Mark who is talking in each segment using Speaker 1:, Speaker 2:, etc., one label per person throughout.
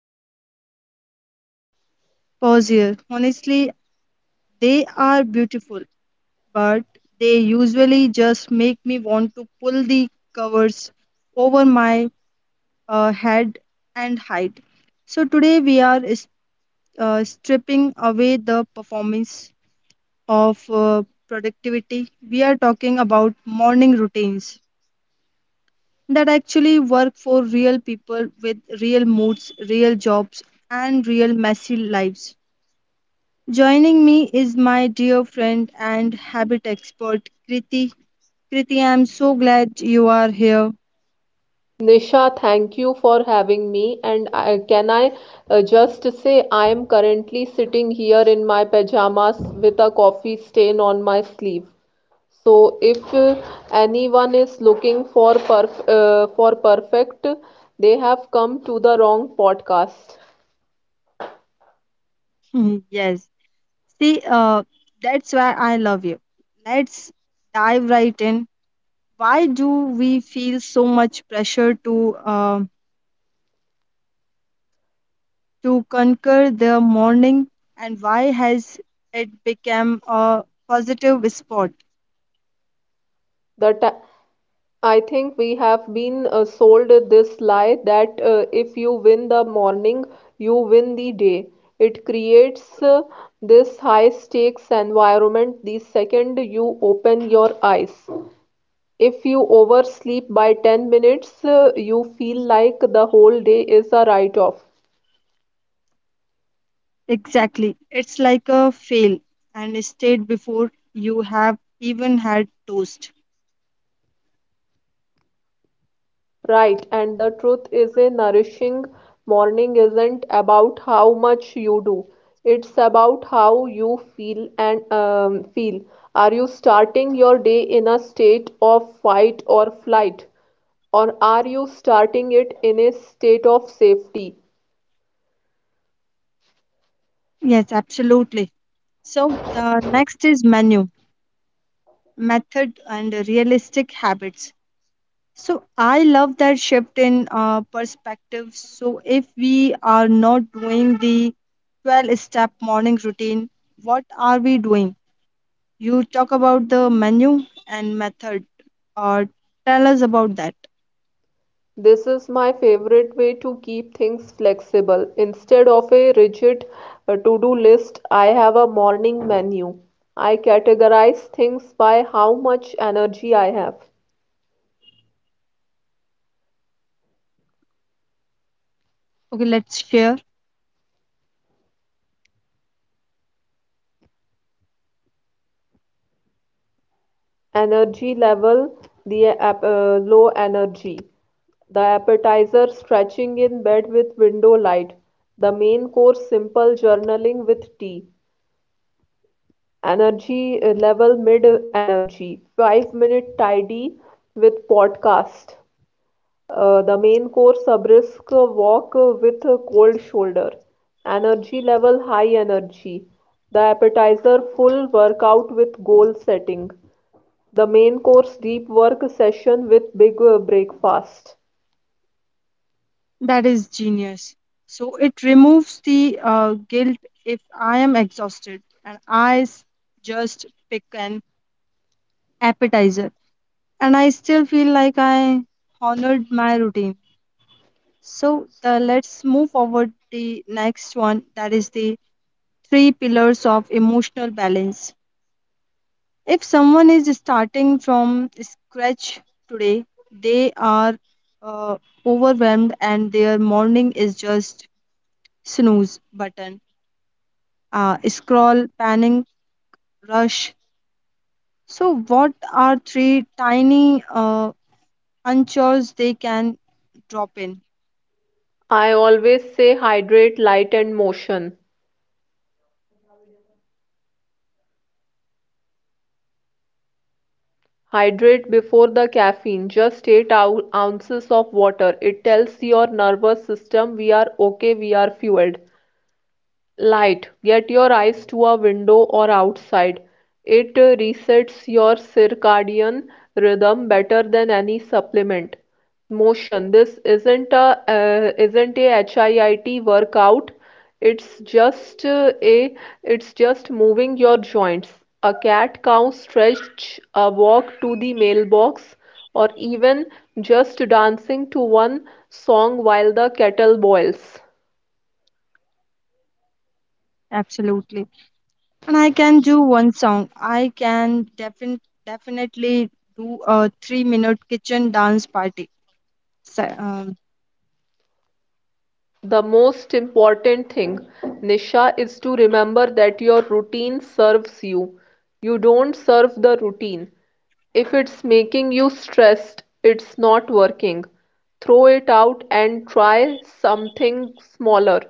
Speaker 1: perfect meditation. Pause here. Honestly, they are beautiful but they usually just make me want to pull the covers over my head and hide. So today we are stripping away the performance of productivity. We are talking about morning routines that actually work for real people with real moods, real jobs, and real messy lives. Joining me is my dear friend and habit expert, Kriti. Kriti, I'm so glad you are here.
Speaker 2: Nisha, thank you for having me. And can I just say, I am currently sitting here in my pajamas with a coffee stain on my sleeve. So, if anyone is looking for perfect, they have come to the wrong podcast.
Speaker 1: Yes. See, that's why I love you. Let's dive right in. Why do we feel so much pressure to uh, to conquer the morning, and why has it become a positive sport?
Speaker 2: The ta- I think we have been sold this lie that if you win the morning, you win the day. It creates this high stakes environment the second you open your eyes. If you oversleep by 10 minutes, you feel like the whole day is a write off.
Speaker 1: Exactly. It's like a fail and state before you have even had toast.
Speaker 2: Right, and the truth is a nourishing morning isn't about how much you do. It's about how you feel. Are you starting your day in a state of fight or flight? Or are you starting it in a state of safety?
Speaker 1: Yes, absolutely. So the next is menu method and realistic habits. So I love that shift in perspective. So if we are not doing the 12 step morning routine, what are we doing? You talk about the menu and method, or tell us about that.
Speaker 2: This is my favorite way to keep things flexible. Instead of a rigid to-do list, I have a morning menu. I categorize things by how much energy I have.
Speaker 1: Okay, let's share.
Speaker 2: Energy level, the low energy. The appetizer: stretching in bed with window light. The main course: simple journaling with tea. Energy level, mid energy. 5-minute tidy with podcast. The main course: brisk walk with a cold shoulder. Energy level, high energy. The appetizer: full workout with goal setting. The main course: deep work session with big breakfast.
Speaker 1: That is genius. So it removes the guilt if I am exhausted and just pick an appetizer and I still feel like I honored my routine. So the let's move forward the next one that is the three pillars of emotional balance. If someone is starting from scratch today, they are uh, overwhelmed and their morning is just snooze button, scroll, panning, rush. So what are three tiny unchores they can drop in?
Speaker 2: I always say hydrate, light, and motion. Hydrate before the caffeine, just 8 ounces of water. It tells your nervous system we are okay, we are fueled. Light: get your eyes to a window or outside. It resets your circadian rhythm better than any supplement. Motion: this isn't a HIIT workout. It's just uh, a it's just moving your joints. A cat cow stretch, a walk to the mailbox, or even just dancing to one song while the kettle boils.
Speaker 1: Absolutely. And I can do one song. I can definitely do a 3 minute kitchen dance party. So,
Speaker 2: The most important thing, Nisha, is to remember that your routine serves you. You don't serve the routine. If it's making you stressed, it's not working. Throw it out and try something smaller.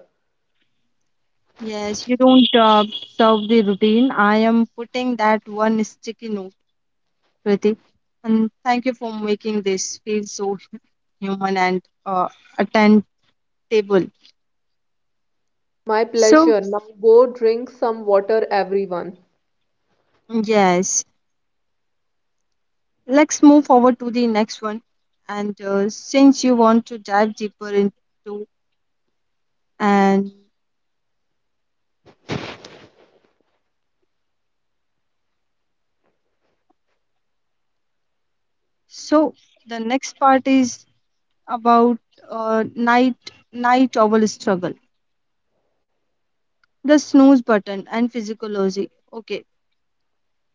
Speaker 1: yes, you don't serve the routine. I am putting that one sticky note, Kriti. And thank you for making this feel so human and attendable.
Speaker 2: My
Speaker 1: So,
Speaker 2: pleasure. Now go drink some water, everyone.
Speaker 1: yes, let's move forward to the next one. And since you want to dive deeper into and so the next part is about uh, night night owl struggle, the snooze button and physiology. Okay,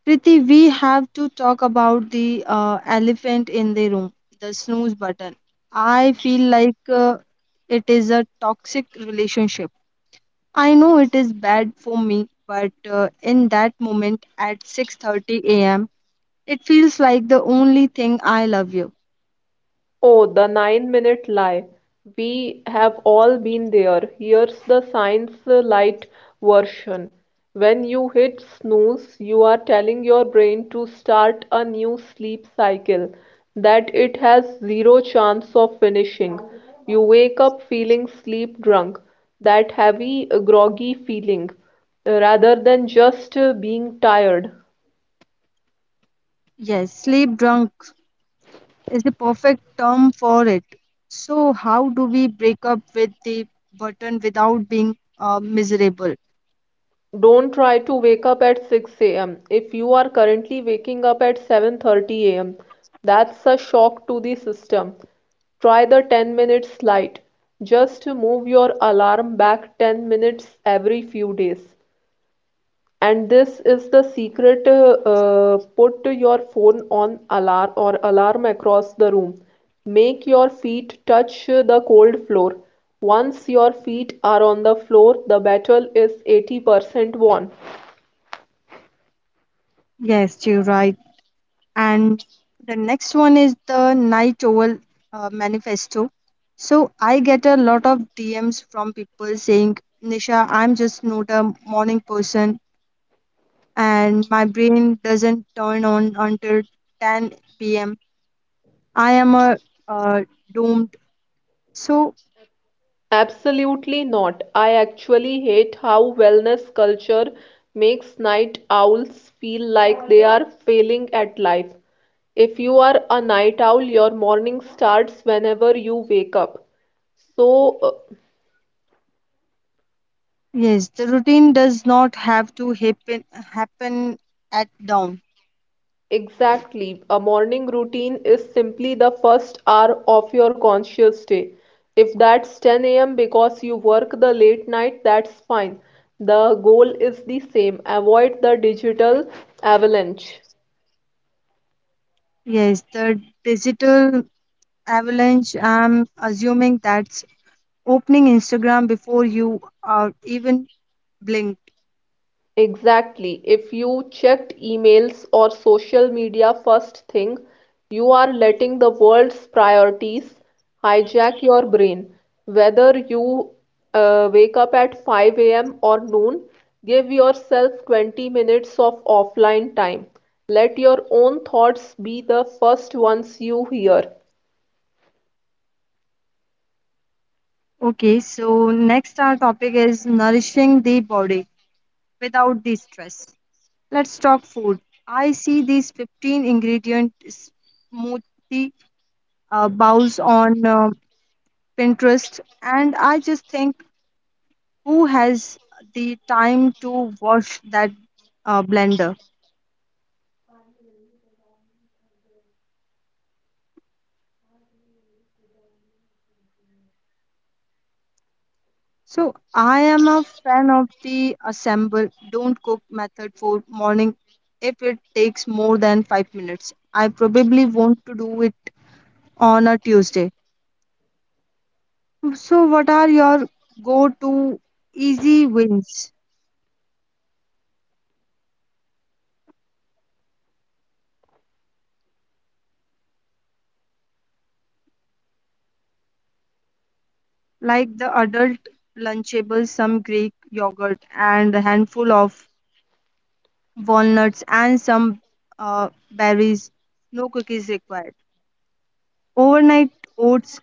Speaker 1: Kriti, we have to talk about the elephant in the room, the snooze button. I feel like it is a toxic relationship. I know it is bad for me, but in that moment at 6:30 a.m., it feels like the only thing I love you.
Speaker 2: Oh, the 9-minute lie. We have all been there. Here's the science light version. When you hit snooze, you are telling your brain to start a new sleep cycle that it has zero chance of finishing. You wake up feeling sleep drunk, that heavy, groggy feeling, rather than just being tired.
Speaker 1: Yes, sleep drunk is the perfect term for it. So, how do we break up with the button without being miserable?
Speaker 2: Don't try to wake up at 6 a.m. if you are currently waking up at 7:30 a.m.; that's a shock to the system. Try the 10 minutes slide. Just move your alarm back 10 minutes every few days. And this is the secret: put your phone on alarm across the room. Make your feet touch the cold floor. Once your feet are on the floor, the battle is 80% won.
Speaker 1: Yes, you're right. And the next one is the Night Owl Manifesto. So, I get a lot of DMs from people saying, Nisha, I'm just not a morning person and my brain doesn't turn on until 10 p.m. I am a uh, doomed. So,
Speaker 2: Absolutely not. I actually hate how wellness culture makes night owls feel like they are failing at life. If you are a night owl, your morning starts whenever you wake up. So, uh,
Speaker 1: yes, the routine does not have to happen at dawn.
Speaker 2: exactly, a morning routine is simply the first hour of your conscious day. If that's 10 a.m. because you work the late night, that's fine. The goal is the same: avoid the digital avalanche.
Speaker 1: Yes, the digital avalanche. I'm assuming that's opening Instagram before you are even blinked.
Speaker 2: Exactly. If you checked emails or social media first thing, you are letting the world's priorities hijack your brain. Whether you wake up at 5 a.m. or noon, give yourself 20 minutes of offline time. Let your own thoughts be the first ones you hear.
Speaker 1: Okay, so next our topic is nourishing the body without the stress. Let's talk food. I see these 15 ingredient smoothie bowls on Pinterest, and I just think who has the time to wash that blender? So I am a fan of the assemble, don't cook method for morning if it takes more than 5 minutes. I probably want to do it on a Tuesday. So what are your go-to easy wins? Like the adult lunchables, some Greek yogurt and a handful of walnuts and some berries. No cookies required. Overnight oats,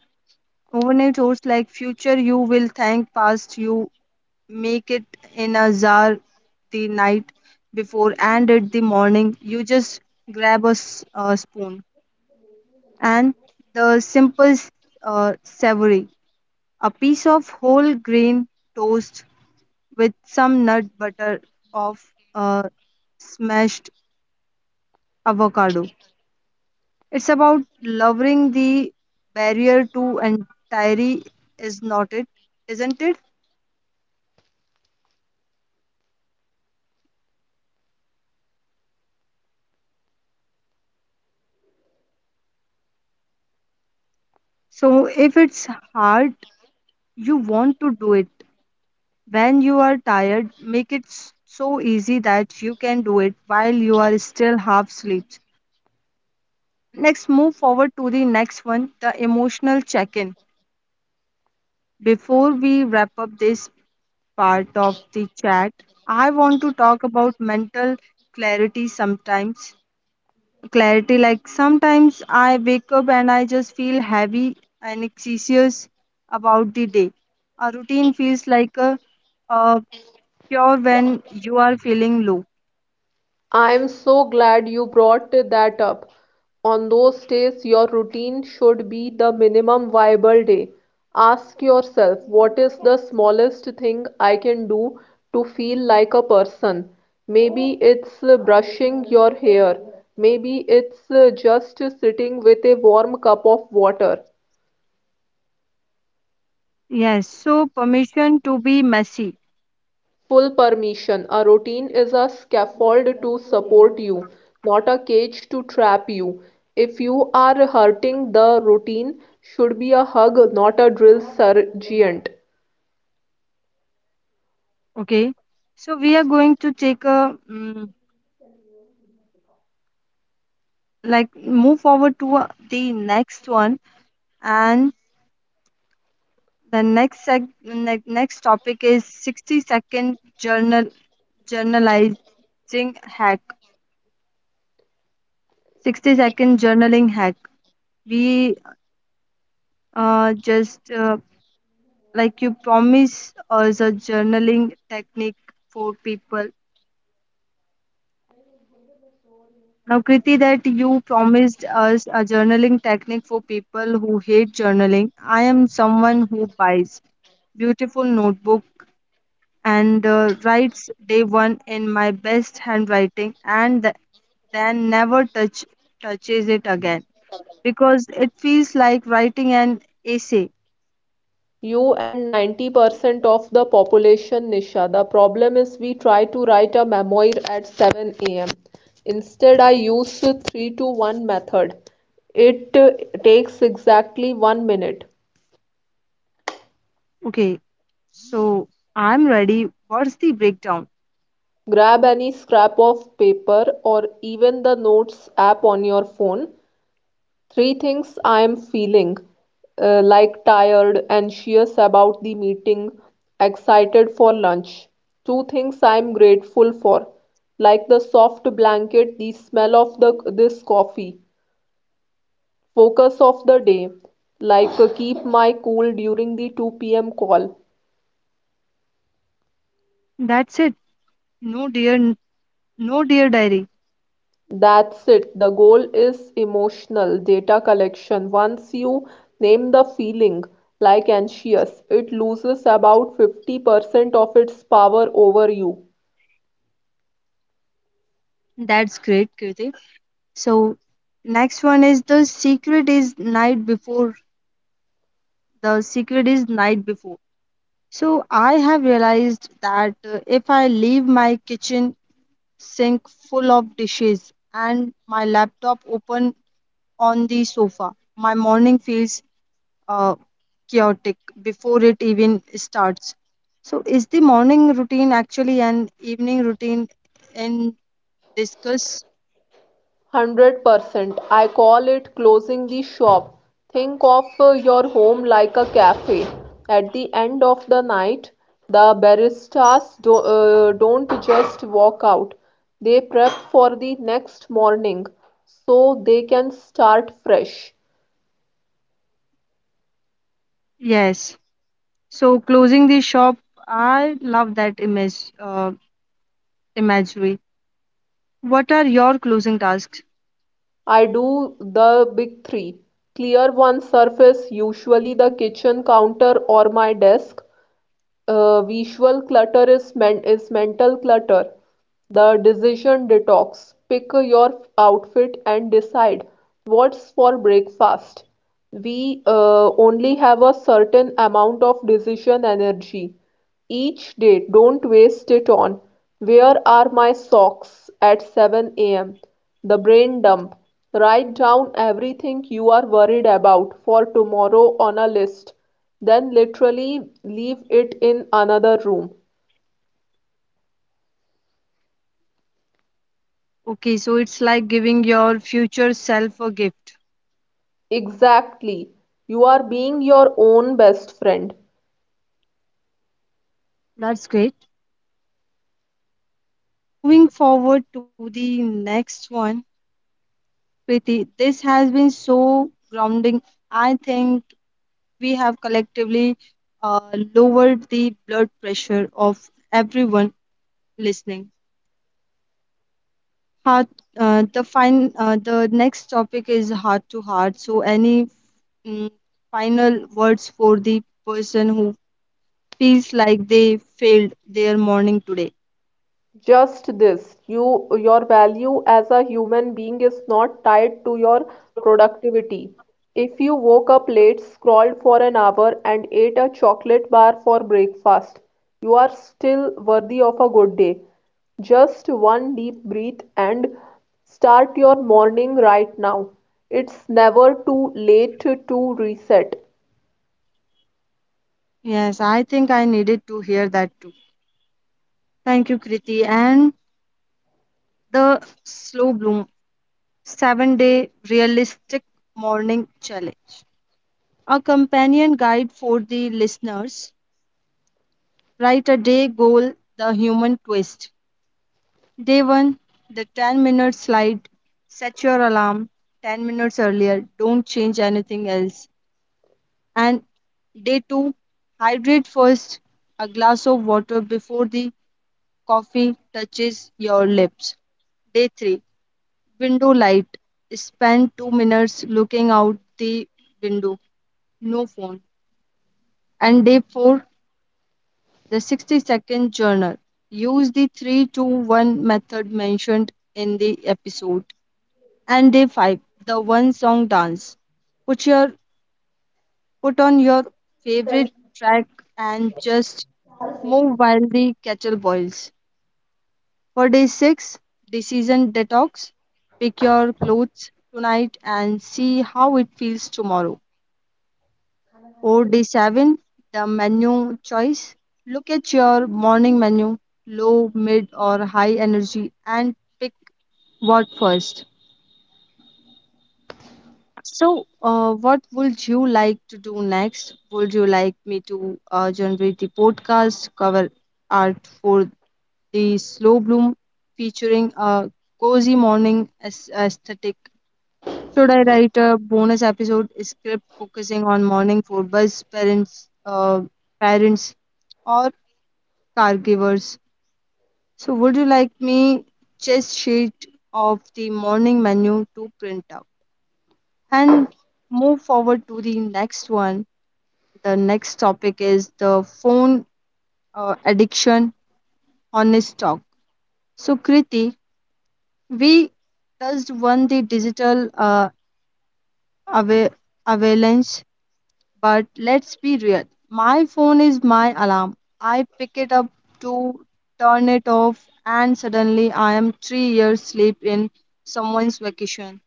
Speaker 1: overnight oats like future you will thank past you. Make it in a jar the night before and at the morning. You just grab a spoon and the simple savory. A piece of whole grain toast with some nut butter of uh, smashed avocado. It's about lowering the barrier to entry, is not it? Isn't it? So, if it's hard, you want to do it. When you are tired, make it so easy that you can do it while you are still half asleep. Next, move forward to the next one the emotional check in. Before we wrap up this part of the chat, I want to talk about mental clarity sometimes clarity. Like sometimes I wake up and I just feel heavy and anxious about the day. A routine feels like a cure when you are feeling low.
Speaker 2: I'm so glad you brought that up. On those days, your routine should be the minimum viable day. Ask yourself, what is the smallest thing I can do to feel like a person? Maybe it's brushing your hair. Maybe it's just sitting with a warm cup of water.
Speaker 1: Yes, so permission to be messy.
Speaker 2: Full permission. A routine is a scaffold to support you, not a cage to trap you. If you are hurting, the routine should be a hug, not a drill sergeant.
Speaker 1: Okay, so we are going to take a mm like move forward to the next one and the next topic is 60 second journal journalizing hack 60-second journaling hack we just like you promise us a journaling technique for people. Now, Kriti, that you promised us a journaling technique for people who hate journaling. I am someone who buys beautiful notebook and writes day one in my best handwriting and then never touches it again because it feels like writing an essay.
Speaker 2: You and 90% of the population, Nisha. The problem is we try to write a memoir at 7 a.m. Instead, I use 3 to 1 method. It takes exactly 1 minute.
Speaker 1: Okay, so I'm ready. What's the breakdown?
Speaker 2: Grab any scrap of paper or even the Notes app on your phone. Three things I am feeling, like tired, anxious about the meeting, excited for lunch. Two things I am grateful for, like the soft blanket, the smell of the this coffee. Focus of the day, like keep my cool during the 2 p.m. call.
Speaker 1: That's it. No dear, no dear diary.
Speaker 2: That's it. The goal is emotional data collection. Once you name the feeling, like anxious, it loses about 50% of its power over you.
Speaker 1: That's great, Kirti. So next one is the secret is night before. The secret is night before. So I have realized that if I leave my kitchen sink full of dishes and my laptop open on the sofa, my morning feels uh, chaotic before it even starts. So, is the morning routine actually an evening routine in discuss?
Speaker 2: 100%. I call it closing the shop. Think of your home like a cafe. At the end of the night, the baristas don't just walk out, they prep for the next morning so they can start fresh.
Speaker 1: Yes. So, closing the shop, I love that imagery. What are your closing tasks?
Speaker 2: I do the big three: clear one surface, usually the kitchen counter or my desk. Visual clutter is mental clutter. The decision detox: pick your outfit and decide what's for breakfast. We only have a certain amount of decision energy each day. Don't waste it on "Where are my socks at 7 a.m.?" The brain dump: write down everything you are worried about for tomorrow on a list, then literally leave it in another room.
Speaker 1: Okay, so it's like giving your future self a gift.
Speaker 2: Exactly. You are being your own best friend.
Speaker 1: That's great. Moving forward to the next one, Preeti, this has been so grounding. I think we have collectively lowered the blood pressure of everyone listening. Heart, the next topic is heart to heart. So, any mm, final words for the person who feels like they failed their morning today?
Speaker 2: Just this: your value as a human being is not tied to your productivity. If you woke up late, scrolled for an hour, and ate a chocolate bar for breakfast, you are still worthy of a good day. Just one deep breath and start your morning right now. It's never too late to reset.
Speaker 1: Yes, I think I needed to hear that too. Thank you, Kriti. And the slow bloom 7 day realistic morning challenge a companion guide for the listeners write a day goal, the human twist. Day 1, the 10-minute slide. Set your alarm 10 minutes earlier. Don't change anything else. And day 2, hydrate first. A glass of water before the coffee touches your lips. Day 3, window light. Spend 2 minutes looking out the window. No phone. And day 4, the 60-second journal. Use the 3 to 1 method mentioned in the episode. And day 5, the one song dance. Put your put on your favorite track and just move while the kettle boils. For day 6, decision detox. Pick your clothes tonight and see how it feels tomorrow. 4D7, the menu choice. Look at your morning menu, low, mid, or high energy, and pick what first. So, what would you like to do next? Would you like me to generate the podcast cover art for the slow bloom featuring a cozy morning aesthetic? Should I write a bonus episode script focusing on morning for parents, or caregivers? So, would you like me just sheet of the morning menu to print out and move forward to the next one? The next topic is the phone addiction honest talk. So, Kriti, we touched one the digital ava- avalanche. But let's be real. My phone is my alarm. I pick it up to turn it off, and suddenly I am 3 years sleep in someone's vacation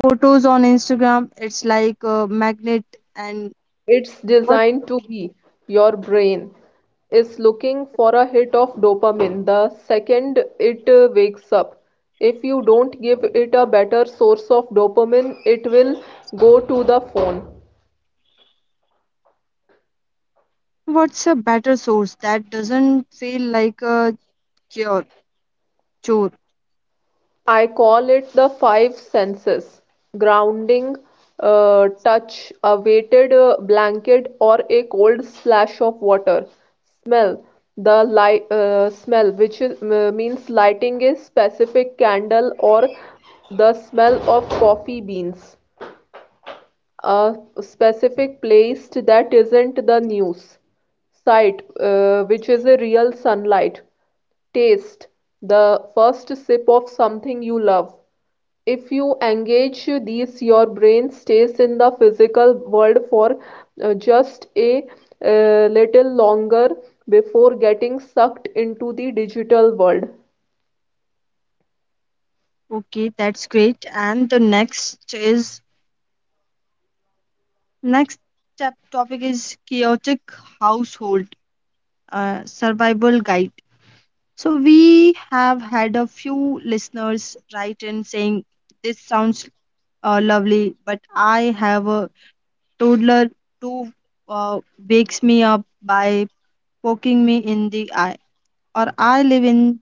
Speaker 1: photos on Instagram. It's like a magnet. And
Speaker 2: It's
Speaker 1: what
Speaker 2: designed to be. Your brain is looking for a hit of dopamine the second it wakes up. If you don't give it a better source of dopamine, it will go to the phone.
Speaker 1: what's a better source that doesn't feel like a cure chore?
Speaker 2: I call it the five senses. Grounding: touch, a weighted blanket or a cold splash of water. Smell: the light smell, means lighting a specific candle or the smell of coffee beans. A specific place that isn't the news site, which is a real sunlight. Taste: the first sip of something you love. If you engage these, your brain stays in the physical world for just a little longer before getting sucked into the digital world.
Speaker 1: Okay, that's great. And the next is next topic is chaotic household survival guide. So we have had a few listeners write in saying this sounds lovely, but I have a toddler who uh, wakes me up by poking me in the eye, or I live in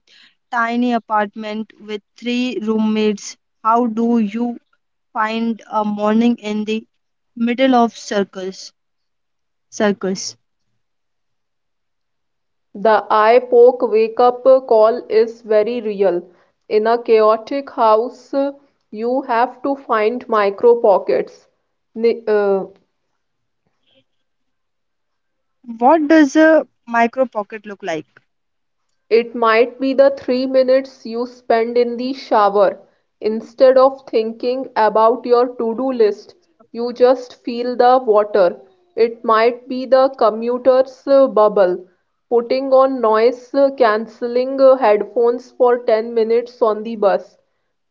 Speaker 1: tiny apartment with three roommates. How do you find a morning in the middle of circus? Circus.
Speaker 2: The eye poke wake up call is very real. In a chaotic house, you have to find micro pockets. Ni- uh,
Speaker 1: What does a micro pocket look like?
Speaker 2: It might be the 3 minutes you spend in the shower. Instead of thinking about your to-do list, you just feel the water. It might be the commuter's bubble: putting on noise cancelling headphones for 10 minutes on the bus.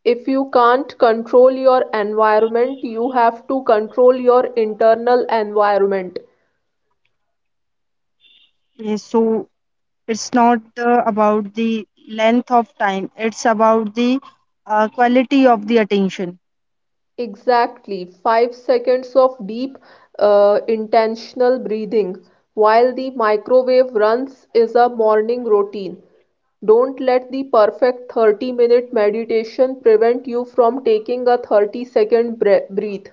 Speaker 2: If you can't control your environment, you have to control your internal environment.
Speaker 1: Yes, so it's not about the length of time. It's about the quality of the attention.
Speaker 2: Exactly, 5 seconds of deep, intentional breathing while the microwave runs is a morning routine. Don't let the perfect 30-minute meditation prevent you from taking a 30 second breath.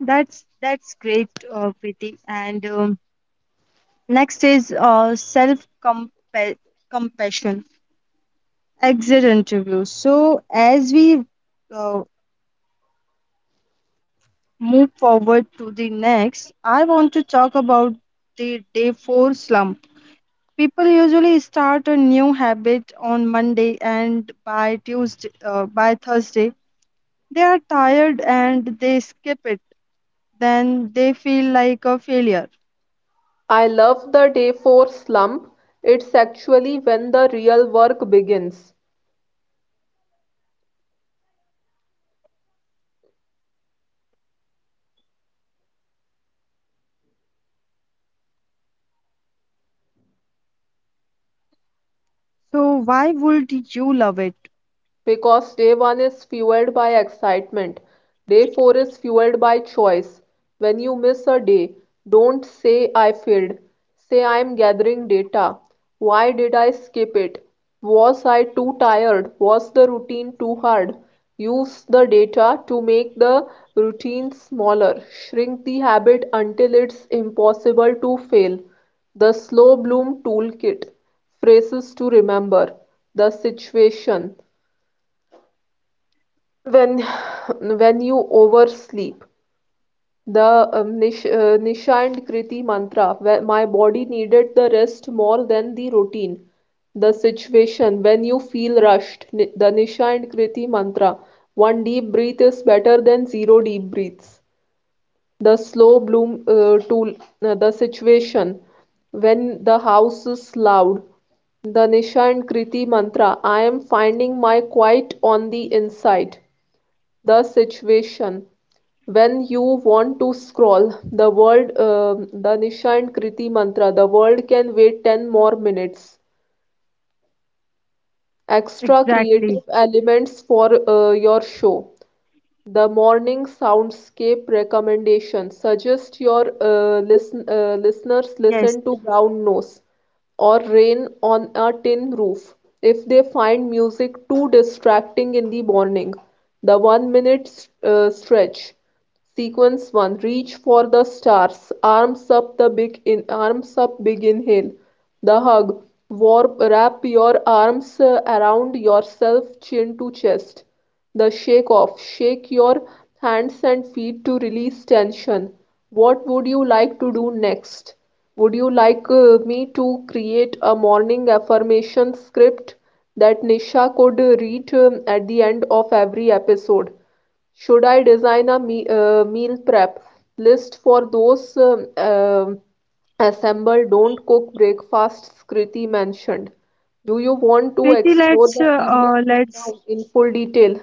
Speaker 1: That's great, Kriti. And next is self compassion. Exit interview. So as we uh, move forward to the next, I want to talk about the day four slump. People usually start a new habit on Monday, and by Thursday, they are tired and they skip it. Then they feel like a failure.
Speaker 2: I love the day 4 slump. It's actually when the real work begins.
Speaker 1: So why would you love it?
Speaker 2: Because day one is fueled by excitement, day four is fueled by choice. When you miss a day, don't say "I failed." Say, "I am gathering data." Why did I skip it? Was I too tired? Was the routine too hard? Use the data to make the routine smaller. Shrink the habit until it's impossible to fail. The Slow Bloom Toolkit. Phrases to remember. The situation: when when you oversleep. The nishand kriti mantra: where my body needed the rest more than the routine. The situation: when you feel rushed. The nishand kriti mantra: one deep breath is better than zero deep breaths. The slow bloom tool. The situation: when the house is loud. The nishand kriti mantra: I am finding my quiet on the inside. The situation: when you want to scroll the world. The nisha and kriti mantra: the world can wait 10 more minutes. Extra creative
Speaker 1: Exactly.
Speaker 2: elements for your show. The morning soundscape recommendation: suggest your listeners listen
Speaker 1: Yes.
Speaker 2: to brown nose or rain on a tin roof if they find music too distracting in the morning. The 1-minute stretch sequence. 1. Reach for the stars: arms up, big inhale. The hug: wrap your arms around yourself, chin to chest. The shake off: shake your hands and feet to release tension. What would you like to do next? Would you like me to create a morning affirmation script that Nisha could read at the end of every episode? Should I design a me meal prep list for those assemble don't cook breakfasts Kriti mentioned? Do you want to
Speaker 1: Preeti,
Speaker 2: explore the evening rundown in full detail?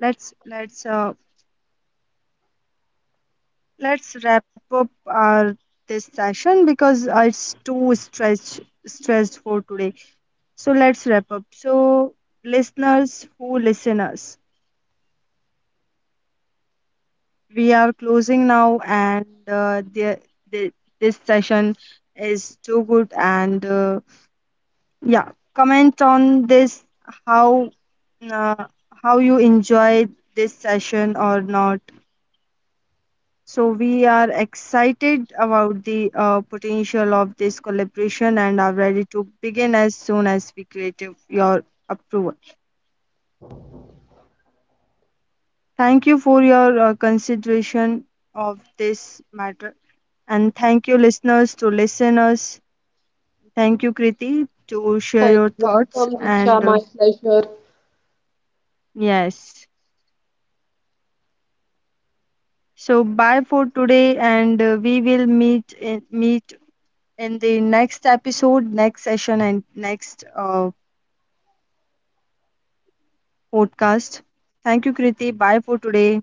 Speaker 1: Let's let's uh, let's wrap up our this session because it's too stressed stressed for today. So let's wrap up. So listeners who listen us, we are closing now, and the this session is too good and. Yeah, comment on this how uh, how you enjoy this session or not. So we are excited about the potential of this collaboration and are ready to begin as soon as we create your approval. Thank you for your consideration of this matter and thank you listeners to listeners. Thank you Kriti to share
Speaker 2: Thanks.
Speaker 1: your thoughts
Speaker 2: Welcome, Nisha.
Speaker 1: and
Speaker 2: My pleasure.
Speaker 1: yes. So bye for today, and we will meet meet in the next episode, next session, and next podcast. Thank you, Kriti. Bye for today.